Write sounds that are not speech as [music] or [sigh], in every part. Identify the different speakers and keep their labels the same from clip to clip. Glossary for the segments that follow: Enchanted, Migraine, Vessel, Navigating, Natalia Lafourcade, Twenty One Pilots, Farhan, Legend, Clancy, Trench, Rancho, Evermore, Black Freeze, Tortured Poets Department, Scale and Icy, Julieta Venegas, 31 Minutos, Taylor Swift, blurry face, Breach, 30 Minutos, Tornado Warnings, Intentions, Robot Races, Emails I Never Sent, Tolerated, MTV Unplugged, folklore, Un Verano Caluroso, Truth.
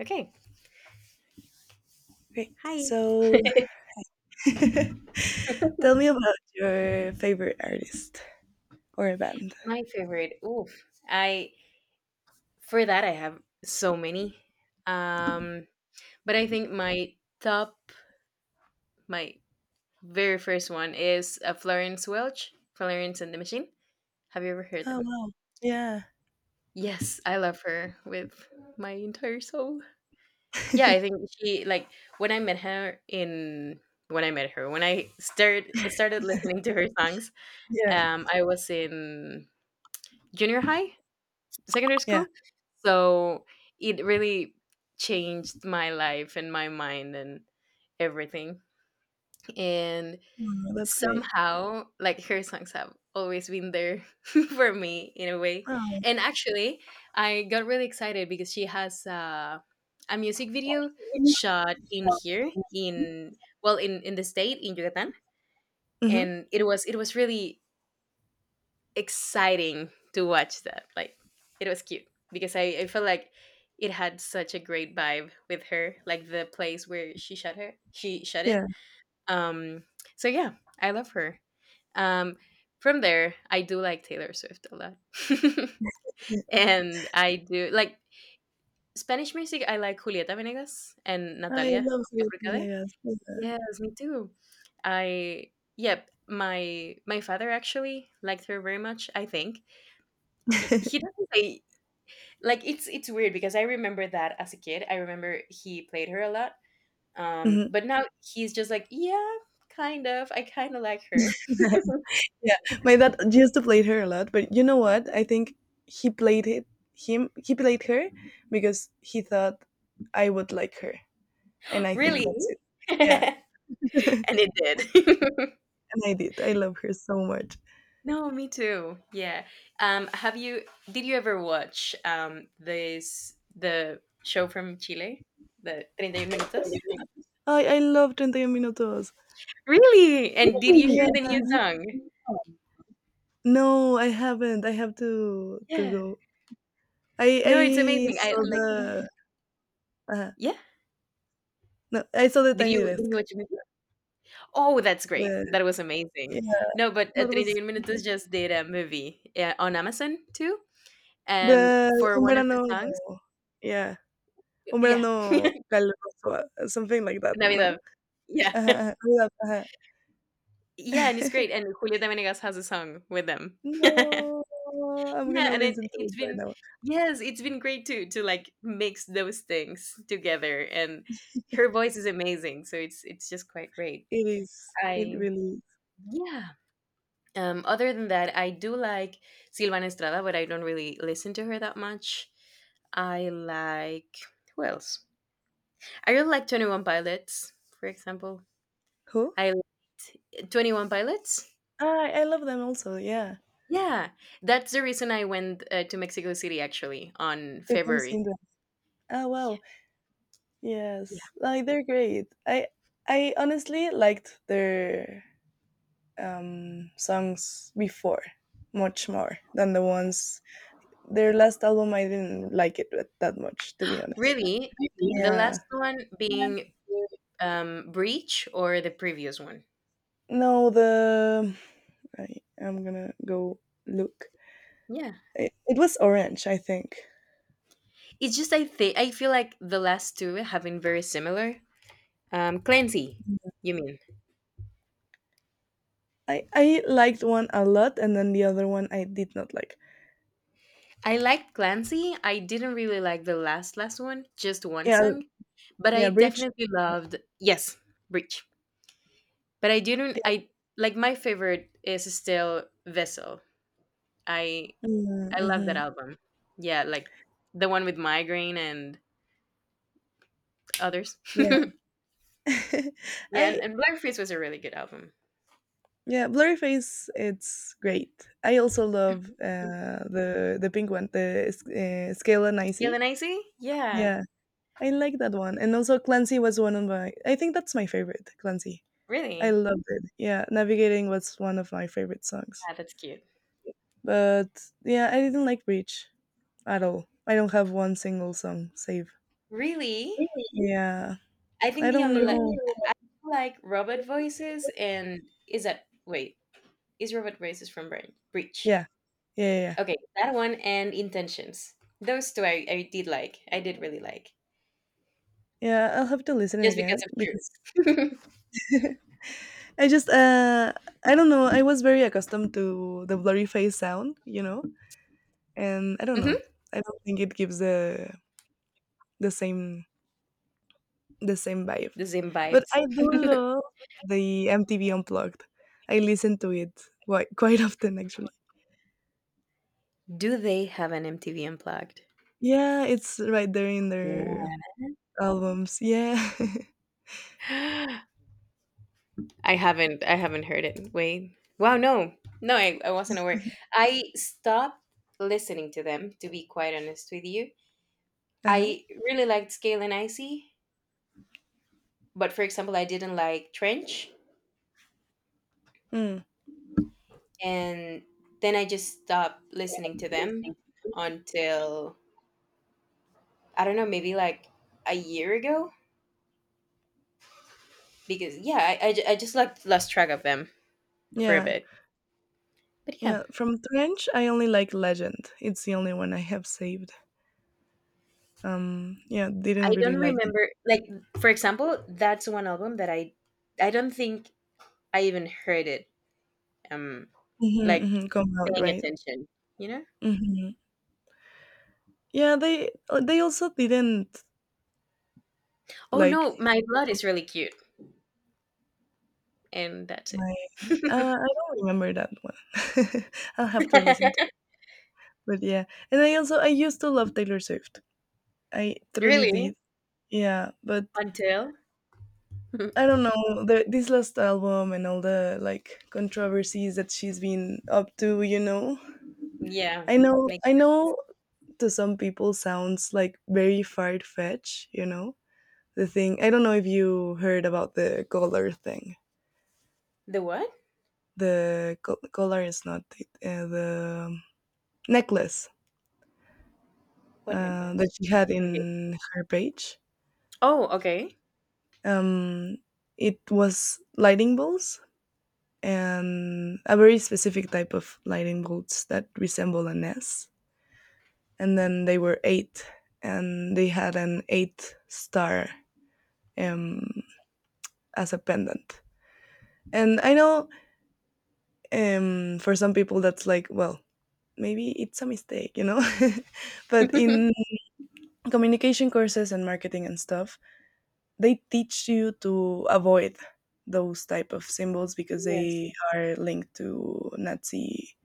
Speaker 1: Okay.
Speaker 2: Great.
Speaker 1: Hi.
Speaker 2: So,
Speaker 1: [laughs]
Speaker 2: [laughs] tell me about your favorite artist or a band.
Speaker 1: My favorite. Oof. I for that I have so many. Um but I think my top, my very first one is Florence Welch, Florence and the Machine. Have you ever heard
Speaker 2: Oh
Speaker 1: them?
Speaker 2: wow. Yeah.
Speaker 1: Yes, I love her with my entire soul. Yeah, I think she, like, when I met her in, when I met her, when I started listening to her songs,
Speaker 2: Yeah.
Speaker 1: I was in junior high, secondary
Speaker 2: Yeah.
Speaker 1: school. So it really changed my life and my mind and everything. And
Speaker 2: Oh, that's great.
Speaker 1: somehow, like, her songs have always been there [laughs] for me in a way.
Speaker 2: Oh.
Speaker 1: And actually, I got really excited because she has a music video shot in here in, well, in the state in Yucatan,
Speaker 2: Hmm.
Speaker 1: and it was, it was really exciting to watch that. Like, it was cute because I felt like it had such a great vibe with her, like the place where she shot her, she shut it.
Speaker 2: Yeah.
Speaker 1: Um, so yeah, I love her. Um, from there, I do like Taylor Swift a lot,
Speaker 2: Yeah.
Speaker 1: [laughs] and I do like Spanish music. I like Julieta Venegas and
Speaker 2: I
Speaker 1: Natalia
Speaker 2: love Julieta
Speaker 1: Lafourcade.
Speaker 2: Venegas. Yeah.
Speaker 1: Yes, me too. I, yep. My father actually liked her very much. I think he doesn't say, like, it's weird because I remember that as a kid. I remember he played her a lot.
Speaker 2: Mhm.
Speaker 1: But now he's just like, yeah, kind of. I kind of like her.
Speaker 2: [laughs] Yeah. My dad used to play her a lot, but you know what? I think he played it him he played her because he thought I would like her.
Speaker 1: [gasps]
Speaker 2: And
Speaker 1: [laughs]
Speaker 2: I think
Speaker 1: Really?
Speaker 2: that's it.
Speaker 1: [laughs]
Speaker 2: Yeah.
Speaker 1: And
Speaker 2: [laughs] And
Speaker 1: it did. [laughs]
Speaker 2: I did. I love her so much.
Speaker 1: No, me too. Yeah. Have you? Did you ever watch this, the show from Chile, the Treinta y Un [laughs] Minutos?
Speaker 2: I love 30 Minutos.
Speaker 1: Really?
Speaker 2: Yeah.
Speaker 1: And did you hear the new
Speaker 2: Really?
Speaker 1: song?
Speaker 2: No, I haven't. I have to
Speaker 1: Yeah.
Speaker 2: go. I
Speaker 1: No, it's
Speaker 2: I
Speaker 1: amazing. I
Speaker 2: saw
Speaker 1: like.
Speaker 2: the uh,
Speaker 1: Yeah.
Speaker 2: no, I saw the
Speaker 1: Did
Speaker 2: Tiny
Speaker 1: you Did you
Speaker 2: Desk.
Speaker 1: watch it? Oh, that's great.
Speaker 2: The
Speaker 1: That was amazing.
Speaker 2: yeah,
Speaker 1: No, but
Speaker 2: that was
Speaker 1: 31 Minutos just did a movie on Amazon too.
Speaker 2: the
Speaker 1: And for
Speaker 2: Un
Speaker 1: one of the
Speaker 2: Verano.
Speaker 1: songs,
Speaker 2: Yeah, Un
Speaker 1: yeah,
Speaker 2: Verano Caluroso, something like that. No,
Speaker 1: Navidad. Yeah. [laughs]
Speaker 2: uh uh [laughs]
Speaker 1: Yeah, and it's great. And Julieta Venegas has a song with them. [laughs] Yeah,
Speaker 2: no, I'm gonna
Speaker 1: and it,
Speaker 2: listen to it
Speaker 1: it's
Speaker 2: right
Speaker 1: been,
Speaker 2: now.
Speaker 1: yes, it's been great too to, like, mix those things together. And her voice is amazing. So it's just quite great.
Speaker 2: It is. It
Speaker 1: I,
Speaker 2: really is.
Speaker 1: yeah. Other than that, I do like Silvana Estrada, but I don't really listen to her that much. I like, who else? I really like 21 Pilots, for example.
Speaker 2: Who?
Speaker 1: I 21 Pilots.
Speaker 2: Ah, I love them also. Yeah,
Speaker 1: Yeah, that's the reason I went to Mexico City actually on
Speaker 2: to come
Speaker 1: February.
Speaker 2: sing them. Oh
Speaker 1: Yeah,
Speaker 2: wow.
Speaker 1: yeah.
Speaker 2: Yes, like they're great. I honestly liked their songs before much more than the ones. Their last album, I didn't like it that much, to be honest.
Speaker 1: Really, the
Speaker 2: Yeah.
Speaker 1: last one being, Breach or the previous one.
Speaker 2: No, the I am gonna go look.
Speaker 1: Yeah,
Speaker 2: It was Orange, I think.
Speaker 1: it's just, I think I feel like the last two have been very similar. Clancy, you mean?
Speaker 2: I liked one a lot, and then the other one I did not like.
Speaker 1: I liked Clancy. I didn't really like the last one, just one
Speaker 2: Yeah,
Speaker 1: song, but I
Speaker 2: yeah, Bridge.
Speaker 1: definitely loved, yes, Breach. But I didn't.
Speaker 2: Yeah.
Speaker 1: I, like, my favorite is still Vessel. I
Speaker 2: Mm-hmm,
Speaker 1: I love that
Speaker 2: mm-hmm.
Speaker 1: album. Yeah, like the one with Migraine and others. [laughs]
Speaker 2: Yeah. [laughs]
Speaker 1: Yeah, and,
Speaker 2: I
Speaker 1: and Black Freeze was a really good album.
Speaker 2: Yeah, blurry face. It's great. I also love
Speaker 1: Mm.
Speaker 2: the pink one, the Scale and
Speaker 1: Scale
Speaker 2: Icy.
Speaker 1: and Icy? Yeah,
Speaker 2: Yeah, I like that one. And also Clancy was one of my. I think that's my favorite. Clancy. I
Speaker 1: really.
Speaker 2: loved it. Yeah, Navigating was one of my favorite songs.
Speaker 1: Yeah, that's cute.
Speaker 2: But yeah, I didn't like Breach at all. I don't have one single song save.
Speaker 1: Really,
Speaker 2: Yeah,
Speaker 1: I
Speaker 2: I
Speaker 1: think the
Speaker 2: don't
Speaker 1: only, like,
Speaker 2: know.
Speaker 1: I like robot voices and, is that, wait, is Robot Races from Breach?
Speaker 2: Yeah, yeah, yeah, yeah.
Speaker 1: Okay, that one and Intentions. Those two I did like. I did really like.
Speaker 2: Yeah. I'll have to listen it
Speaker 1: Just because
Speaker 2: again
Speaker 1: of
Speaker 2: because
Speaker 1: Truth.
Speaker 2: [laughs] I just I don't know. I was very accustomed to the blurry face sound, you know, and I don't
Speaker 1: [laughs]
Speaker 2: know.
Speaker 1: Hmm.
Speaker 2: I don't think it gives the same the same vibe.
Speaker 1: The same
Speaker 2: But I
Speaker 1: vibes.
Speaker 2: do
Speaker 1: [laughs]
Speaker 2: love the MTV Unplugged. I listen to it quite [laughs] quite often actually.
Speaker 1: Do they have an MTV Unplugged?
Speaker 2: Yeah, it's right there in their
Speaker 1: Yeah.
Speaker 2: albums. Yeah. [laughs]
Speaker 1: [gasps] I haven't. I haven't heard it. Wait. Wow. No. No. I wasn't aware. I stopped listening to them. To be quite honest with you,
Speaker 2: Uh-huh.
Speaker 1: I really liked Scale and Icy, but for example, I didn't like Trench.
Speaker 2: Mm.
Speaker 1: And then I just stopped listening to them until, I don't know, maybe like a year ago. Because yeah, I just, like, lost track of them for a
Speaker 2: Yeah.
Speaker 1: bit. But yeah,
Speaker 2: Yeah. From Trench, I only like Legend. It's the only one I have saved. Um, yeah.
Speaker 1: I
Speaker 2: Didn't really
Speaker 1: don't
Speaker 2: like
Speaker 1: remember. Like, for example, that's one album that I don't think I even heard it. Um,
Speaker 2: mhm,
Speaker 1: like,
Speaker 2: mhm, come out,
Speaker 1: paying
Speaker 2: right?
Speaker 1: attention, you know.
Speaker 2: Mhm. Yeah, they also didn't
Speaker 1: Oh
Speaker 2: like
Speaker 1: no, my blood is really cute, and that's it.
Speaker 2: my I don't remember that one. [laughs] I'll have to
Speaker 1: [laughs]
Speaker 2: listen to it. But yeah. And I also I used to love Taylor Swift. I truly
Speaker 1: Really,
Speaker 2: did. Yeah, but
Speaker 1: until
Speaker 2: I
Speaker 1: [laughs]
Speaker 2: don't know, this last album and all the like controversies that she's been up to, you know.
Speaker 1: yeah, make,
Speaker 2: I know to some people sounds like very far fetched, you know the thing. I don't know if you heard about the collar thing.
Speaker 1: the what?
Speaker 2: The collar is not it, the necklace
Speaker 1: What necklace?
Speaker 2: that she had
Speaker 1: Okay.
Speaker 2: in her page.
Speaker 1: Oh, okay. [laughs]
Speaker 2: Um, it was lightning bolts and a very specific type of lightning bolts that resemble an S. And then they were eight, and they had an eight star um, as a pendant. And I know for some people that's like, well, maybe it's a mistake, you know? [laughs] But in communication courses and marketing and stuff, they teach you to avoid those type of symbols because
Speaker 1: Yes.
Speaker 2: they are linked to Nazi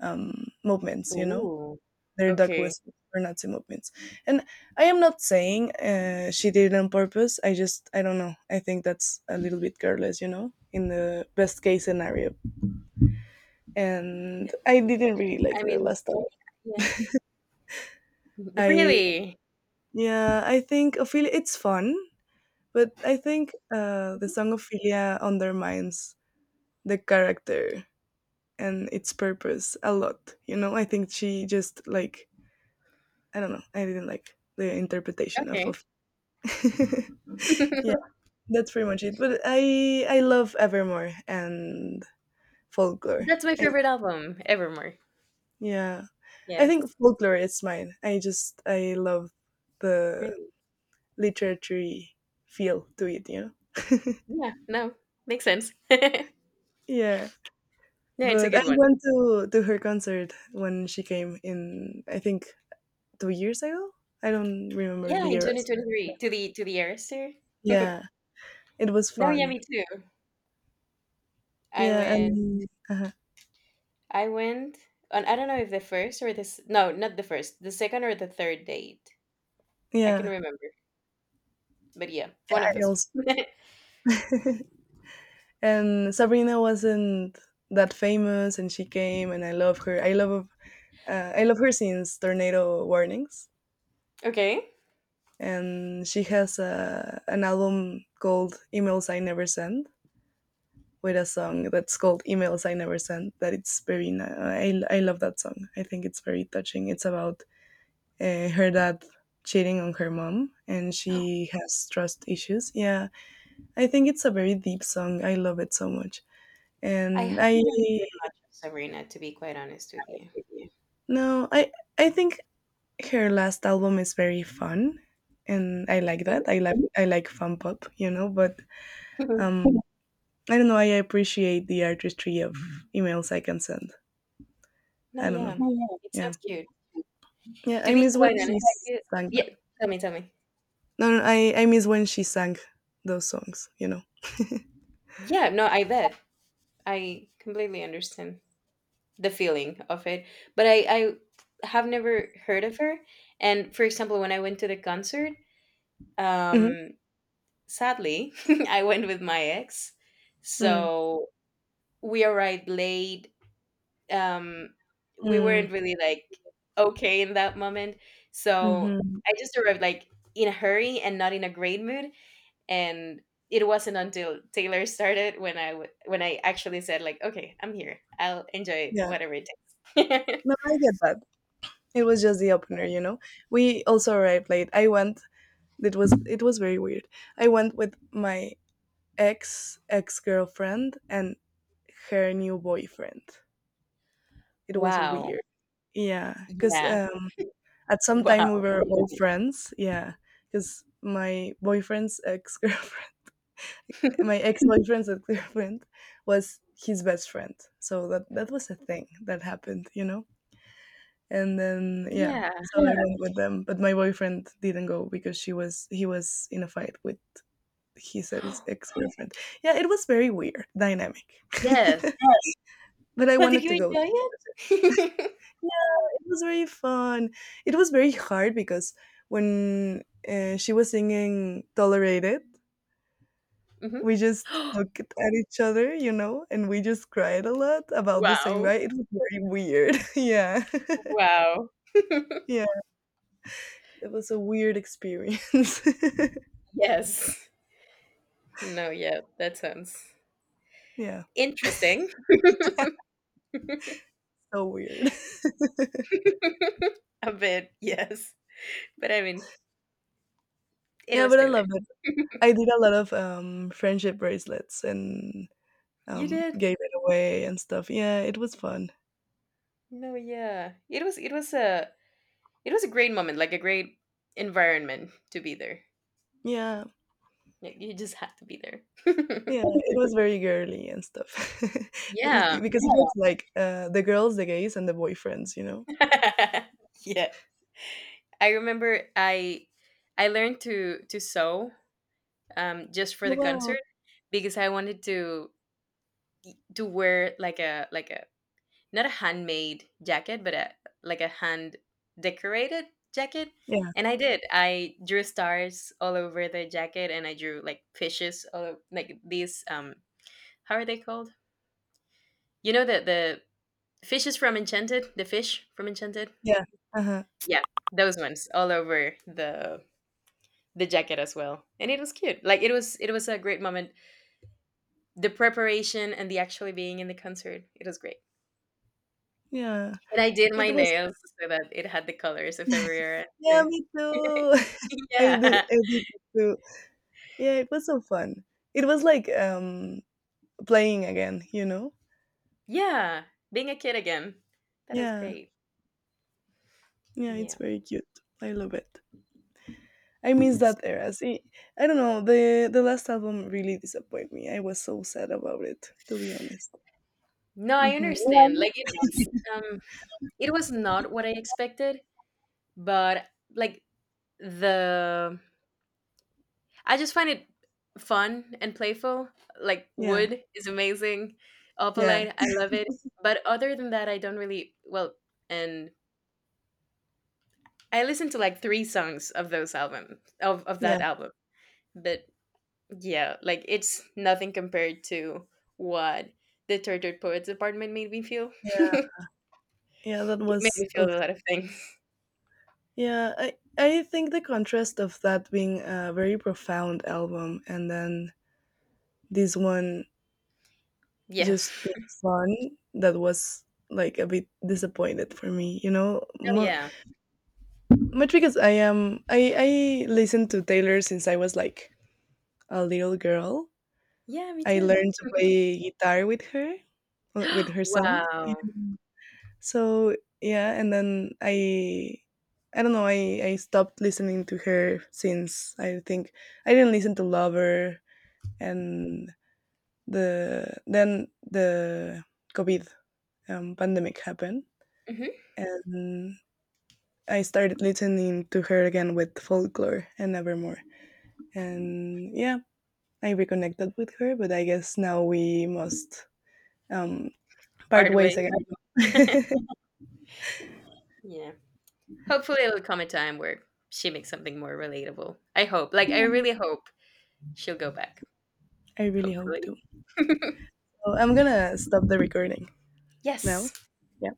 Speaker 2: movements, you know?
Speaker 1: Ooh.
Speaker 2: They're duck
Speaker 1: Okay.
Speaker 2: whistles for Nazi movements. And I am not saying she did it on purpose. I don't know. I think that's a little bit careless, you know? In the best case scenario. And I didn't really like
Speaker 1: I
Speaker 2: the
Speaker 1: mean,
Speaker 2: last time.
Speaker 1: yeah. [laughs]
Speaker 2: I
Speaker 1: Really?
Speaker 2: Yeah, I think Ophelia it's fun, but I think the
Speaker 1: Mhm.
Speaker 2: song Ophelia undermines the character and its purpose a lot. You know, I think she just like I don't know. I didn't like the interpretation
Speaker 1: Okay.
Speaker 2: of [laughs] yeah,
Speaker 1: [laughs]
Speaker 2: that's pretty much it. But I love Evermore and folklore.
Speaker 1: That's my
Speaker 2: I,
Speaker 1: favorite album, Evermore.
Speaker 2: yeah, I
Speaker 1: Yes.
Speaker 2: think folklore is mine. I just I love the
Speaker 1: Really?
Speaker 2: literary feel to it. You know.
Speaker 1: Yeah. No. Makes sense. [laughs] No,
Speaker 2: Yeah.
Speaker 1: it's a
Speaker 2: But I
Speaker 1: good one.
Speaker 2: went to her concert when she came in, I think 2 years ago? I don't remember
Speaker 1: Yeah,
Speaker 2: the
Speaker 1: in
Speaker 2: year.
Speaker 1: 2023 to the Arister. [laughs] No,
Speaker 2: Yeah, it was
Speaker 1: yeah,
Speaker 2: fun.
Speaker 1: me too. I
Speaker 2: Yeah,
Speaker 1: went.
Speaker 2: and
Speaker 1: I went on. I don't know if the first or this. No, not the first. The second or the third date. I can
Speaker 2: yeah,
Speaker 1: remember, but yeah, one of
Speaker 2: I
Speaker 1: those. [laughs]
Speaker 2: also and Sabrina wasn't that famous, and she came, and I love her. I love her since Tornado Warnings,
Speaker 1: Okay.
Speaker 2: and she has a, an album called Emails I Never Send, with a song that's called Emails I Never Sent. That it's very, I love that song. I think it's very touching. It's about her dad cheating on her mom and she has trust issues. Yeah, I think it's a very deep song. I love it so much.
Speaker 1: I
Speaker 2: And
Speaker 1: haven't
Speaker 2: I,
Speaker 1: really heard much of Sabrina, to be quite honest with you.
Speaker 2: no, I think her last album is very fun and I like
Speaker 1: Mhm.
Speaker 2: that. I like fun pop, you know, but um
Speaker 1: [laughs]
Speaker 2: I don't know, I appreciate the artistry of emails I can send.
Speaker 1: No,
Speaker 2: I don't know.
Speaker 1: yeah.
Speaker 2: Yeah,
Speaker 1: It
Speaker 2: yeah.
Speaker 1: sounds
Speaker 2: Yeah.
Speaker 1: cute.
Speaker 2: Yeah,
Speaker 1: To
Speaker 2: I
Speaker 1: be
Speaker 2: miss when
Speaker 1: quite
Speaker 2: she [laughs]
Speaker 1: honest with you,
Speaker 2: sang that.
Speaker 1: yeah, tell me, tell me.
Speaker 2: No, no, I miss when she sang those songs, you know.
Speaker 1: Yeah, no, I bet. I completely understand the feeling of it. But I have never heard of her. And for example, when I went to the concert,
Speaker 2: Hmm.
Speaker 1: um, sadly, [laughs] I went with my ex.
Speaker 2: Mm.
Speaker 1: So we arrived late, um we
Speaker 2: Mm.
Speaker 1: weren't really like okay in that moment, so
Speaker 2: Hmm.
Speaker 1: I just arrived like in a hurry and not in a great mood, and it wasn't until Taylor started when when I actually said like, okay, I'm here, I'll enjoy
Speaker 2: Yeah.
Speaker 1: whatever it takes. [laughs]
Speaker 2: No, I get that. It was just the opener, you know. We also arrived late. I went it was very weird. I went with my ex girlfriend and her new boyfriend. It was
Speaker 1: Wow,
Speaker 2: weird. Yeah, because
Speaker 1: yeah.
Speaker 2: at some time we
Speaker 1: Wow,
Speaker 2: were all friends. Yeah, because my boyfriend's [laughs] ex girlfriend my ex boyfriend's at Clearwind [laughs] was his best friend. So that was a thing that happened, you know. And then yeah,
Speaker 1: yeah.
Speaker 2: so I went with them, but my boyfriend didn't go because she was he was in a fight with his
Speaker 1: [gasps]
Speaker 2: ex-boyfriend. Yeah, it was very weird dynamic,
Speaker 1: Yes,
Speaker 2: [laughs] but I
Speaker 1: but did
Speaker 2: wanted
Speaker 1: you
Speaker 2: to go.
Speaker 1: enjoy it?
Speaker 2: Yeah, it was very fun. It was very hard because when she was singing "Tolerated,"
Speaker 1: [laughs]
Speaker 2: we just
Speaker 1: Hmm. [gasps]
Speaker 2: looked at each other, you know, and we just cried a lot about the same
Speaker 1: Wow.
Speaker 2: guy. It was very weird. [laughs] Yeah. [laughs]
Speaker 1: Wow. [laughs]
Speaker 2: Yeah. It was a weird experience. [laughs]
Speaker 1: Yes. No, yeah, that sounds
Speaker 2: Yeah.
Speaker 1: interesting.
Speaker 2: So weird. [laughs]
Speaker 1: [laughs] A bit, yes. But I mean, it
Speaker 2: Yeah,
Speaker 1: was
Speaker 2: but I
Speaker 1: Taylor.
Speaker 2: love it.
Speaker 1: [laughs]
Speaker 2: I did a lot of friendship bracelets and
Speaker 1: You did?
Speaker 2: gave it away and stuff. Yeah, it was fun.
Speaker 1: No, yeah. It was, it was a, it was a great moment, like a great environment to be there.
Speaker 2: Yeah.
Speaker 1: Like, you just had to be there. [laughs]
Speaker 2: Yeah, it was very girly and stuff. [laughs] It was-
Speaker 1: Yeah.
Speaker 2: because it was like the girls, the gays, and the boyfriends, you know?
Speaker 1: [laughs] Yeah. I remember I learned to sew, just for
Speaker 2: Oh,
Speaker 1: the
Speaker 2: wow.
Speaker 1: concert because I wanted to wear like a, like a, not a handmade jacket, but a, like a hand decorated jacket.
Speaker 2: Yeah.
Speaker 1: And I did. I drew stars all over the jacket, and I drew like fishes, like these. How are they called? You know the fishes from Enchanted, the fish from Enchanted.
Speaker 2: Yeah. Uh-huh.
Speaker 1: Yeah, those ones all over the jacket as well, and it was cute. Like, it was, it was a great moment. The preparation and the actually being in the concert, it was great.
Speaker 2: Yeah.
Speaker 1: And I did my
Speaker 2: It was
Speaker 1: nails so that it had the colors of everywhere
Speaker 2: Yeah,
Speaker 1: too.
Speaker 2: me
Speaker 1: [laughs]
Speaker 2: too.
Speaker 1: [laughs]
Speaker 2: [laughs]
Speaker 1: Yeah.
Speaker 2: I did it too. Yeah, it was so fun. It was like playing again, you know?
Speaker 1: Yeah. Being a kid again. That is
Speaker 2: Yeah,
Speaker 1: great.
Speaker 2: yeah, it's
Speaker 1: Yeah.
Speaker 2: very cute. I love it. I miss
Speaker 1: Yes.
Speaker 2: that era. See, I don't know. The last album really disappointed me. I was so sad about it, to be honest.
Speaker 1: No, I
Speaker 2: Hmm.
Speaker 1: understand. Like, it, it's, um it was not what I expected, but, like, the, I just find it fun and playful. Like,
Speaker 2: Yeah,
Speaker 1: wood is amazing.
Speaker 2: yeah,
Speaker 1: Opalite, I love it. But other than that, I don't really, well, and I listened to like three songs of those albums, of
Speaker 2: yeah,
Speaker 1: that album. But yeah, like, it's nothing compared to what the Tortured Poets Department made me feel.
Speaker 2: yeah, yeah. That
Speaker 1: It made
Speaker 2: was.
Speaker 1: me feel
Speaker 2: Oof.
Speaker 1: a lot of things.
Speaker 2: Yeah, I think the contrast of that being a very profound album and then this one
Speaker 1: Yeah.
Speaker 2: just being
Speaker 1: [laughs]
Speaker 2: fun that was like a bit disappointed for me you know
Speaker 1: Oh,
Speaker 2: Mo-
Speaker 1: yeah.
Speaker 2: much because I am I listened to taylor since I was like a little girl
Speaker 1: Yeah, me
Speaker 2: I
Speaker 1: too.
Speaker 2: learned to play guitar with
Speaker 1: [gasps]
Speaker 2: her songs.
Speaker 1: Wow.
Speaker 2: Yeah. So yeah and then I don't know I stopped listening to her since I think I didn't listen to lover and the covid pandemic happened
Speaker 1: Hmm.
Speaker 2: and I started listening to her again with folklore and Nevermore. And yeah, I reconnected with her, but I guess now we must um, part
Speaker 1: Part
Speaker 2: ways
Speaker 1: way.
Speaker 2: again.
Speaker 1: [laughs]
Speaker 2: [laughs]
Speaker 1: Yeah. Hopefully, it'll come a time where she makes something more relatable. I hope. Like, I really hope she'll go back.
Speaker 2: I really hope
Speaker 1: Hopefully.
Speaker 2: to. So I'm gonna stop the recording now.
Speaker 1: Yes.
Speaker 2: Yeah.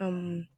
Speaker 2: Um.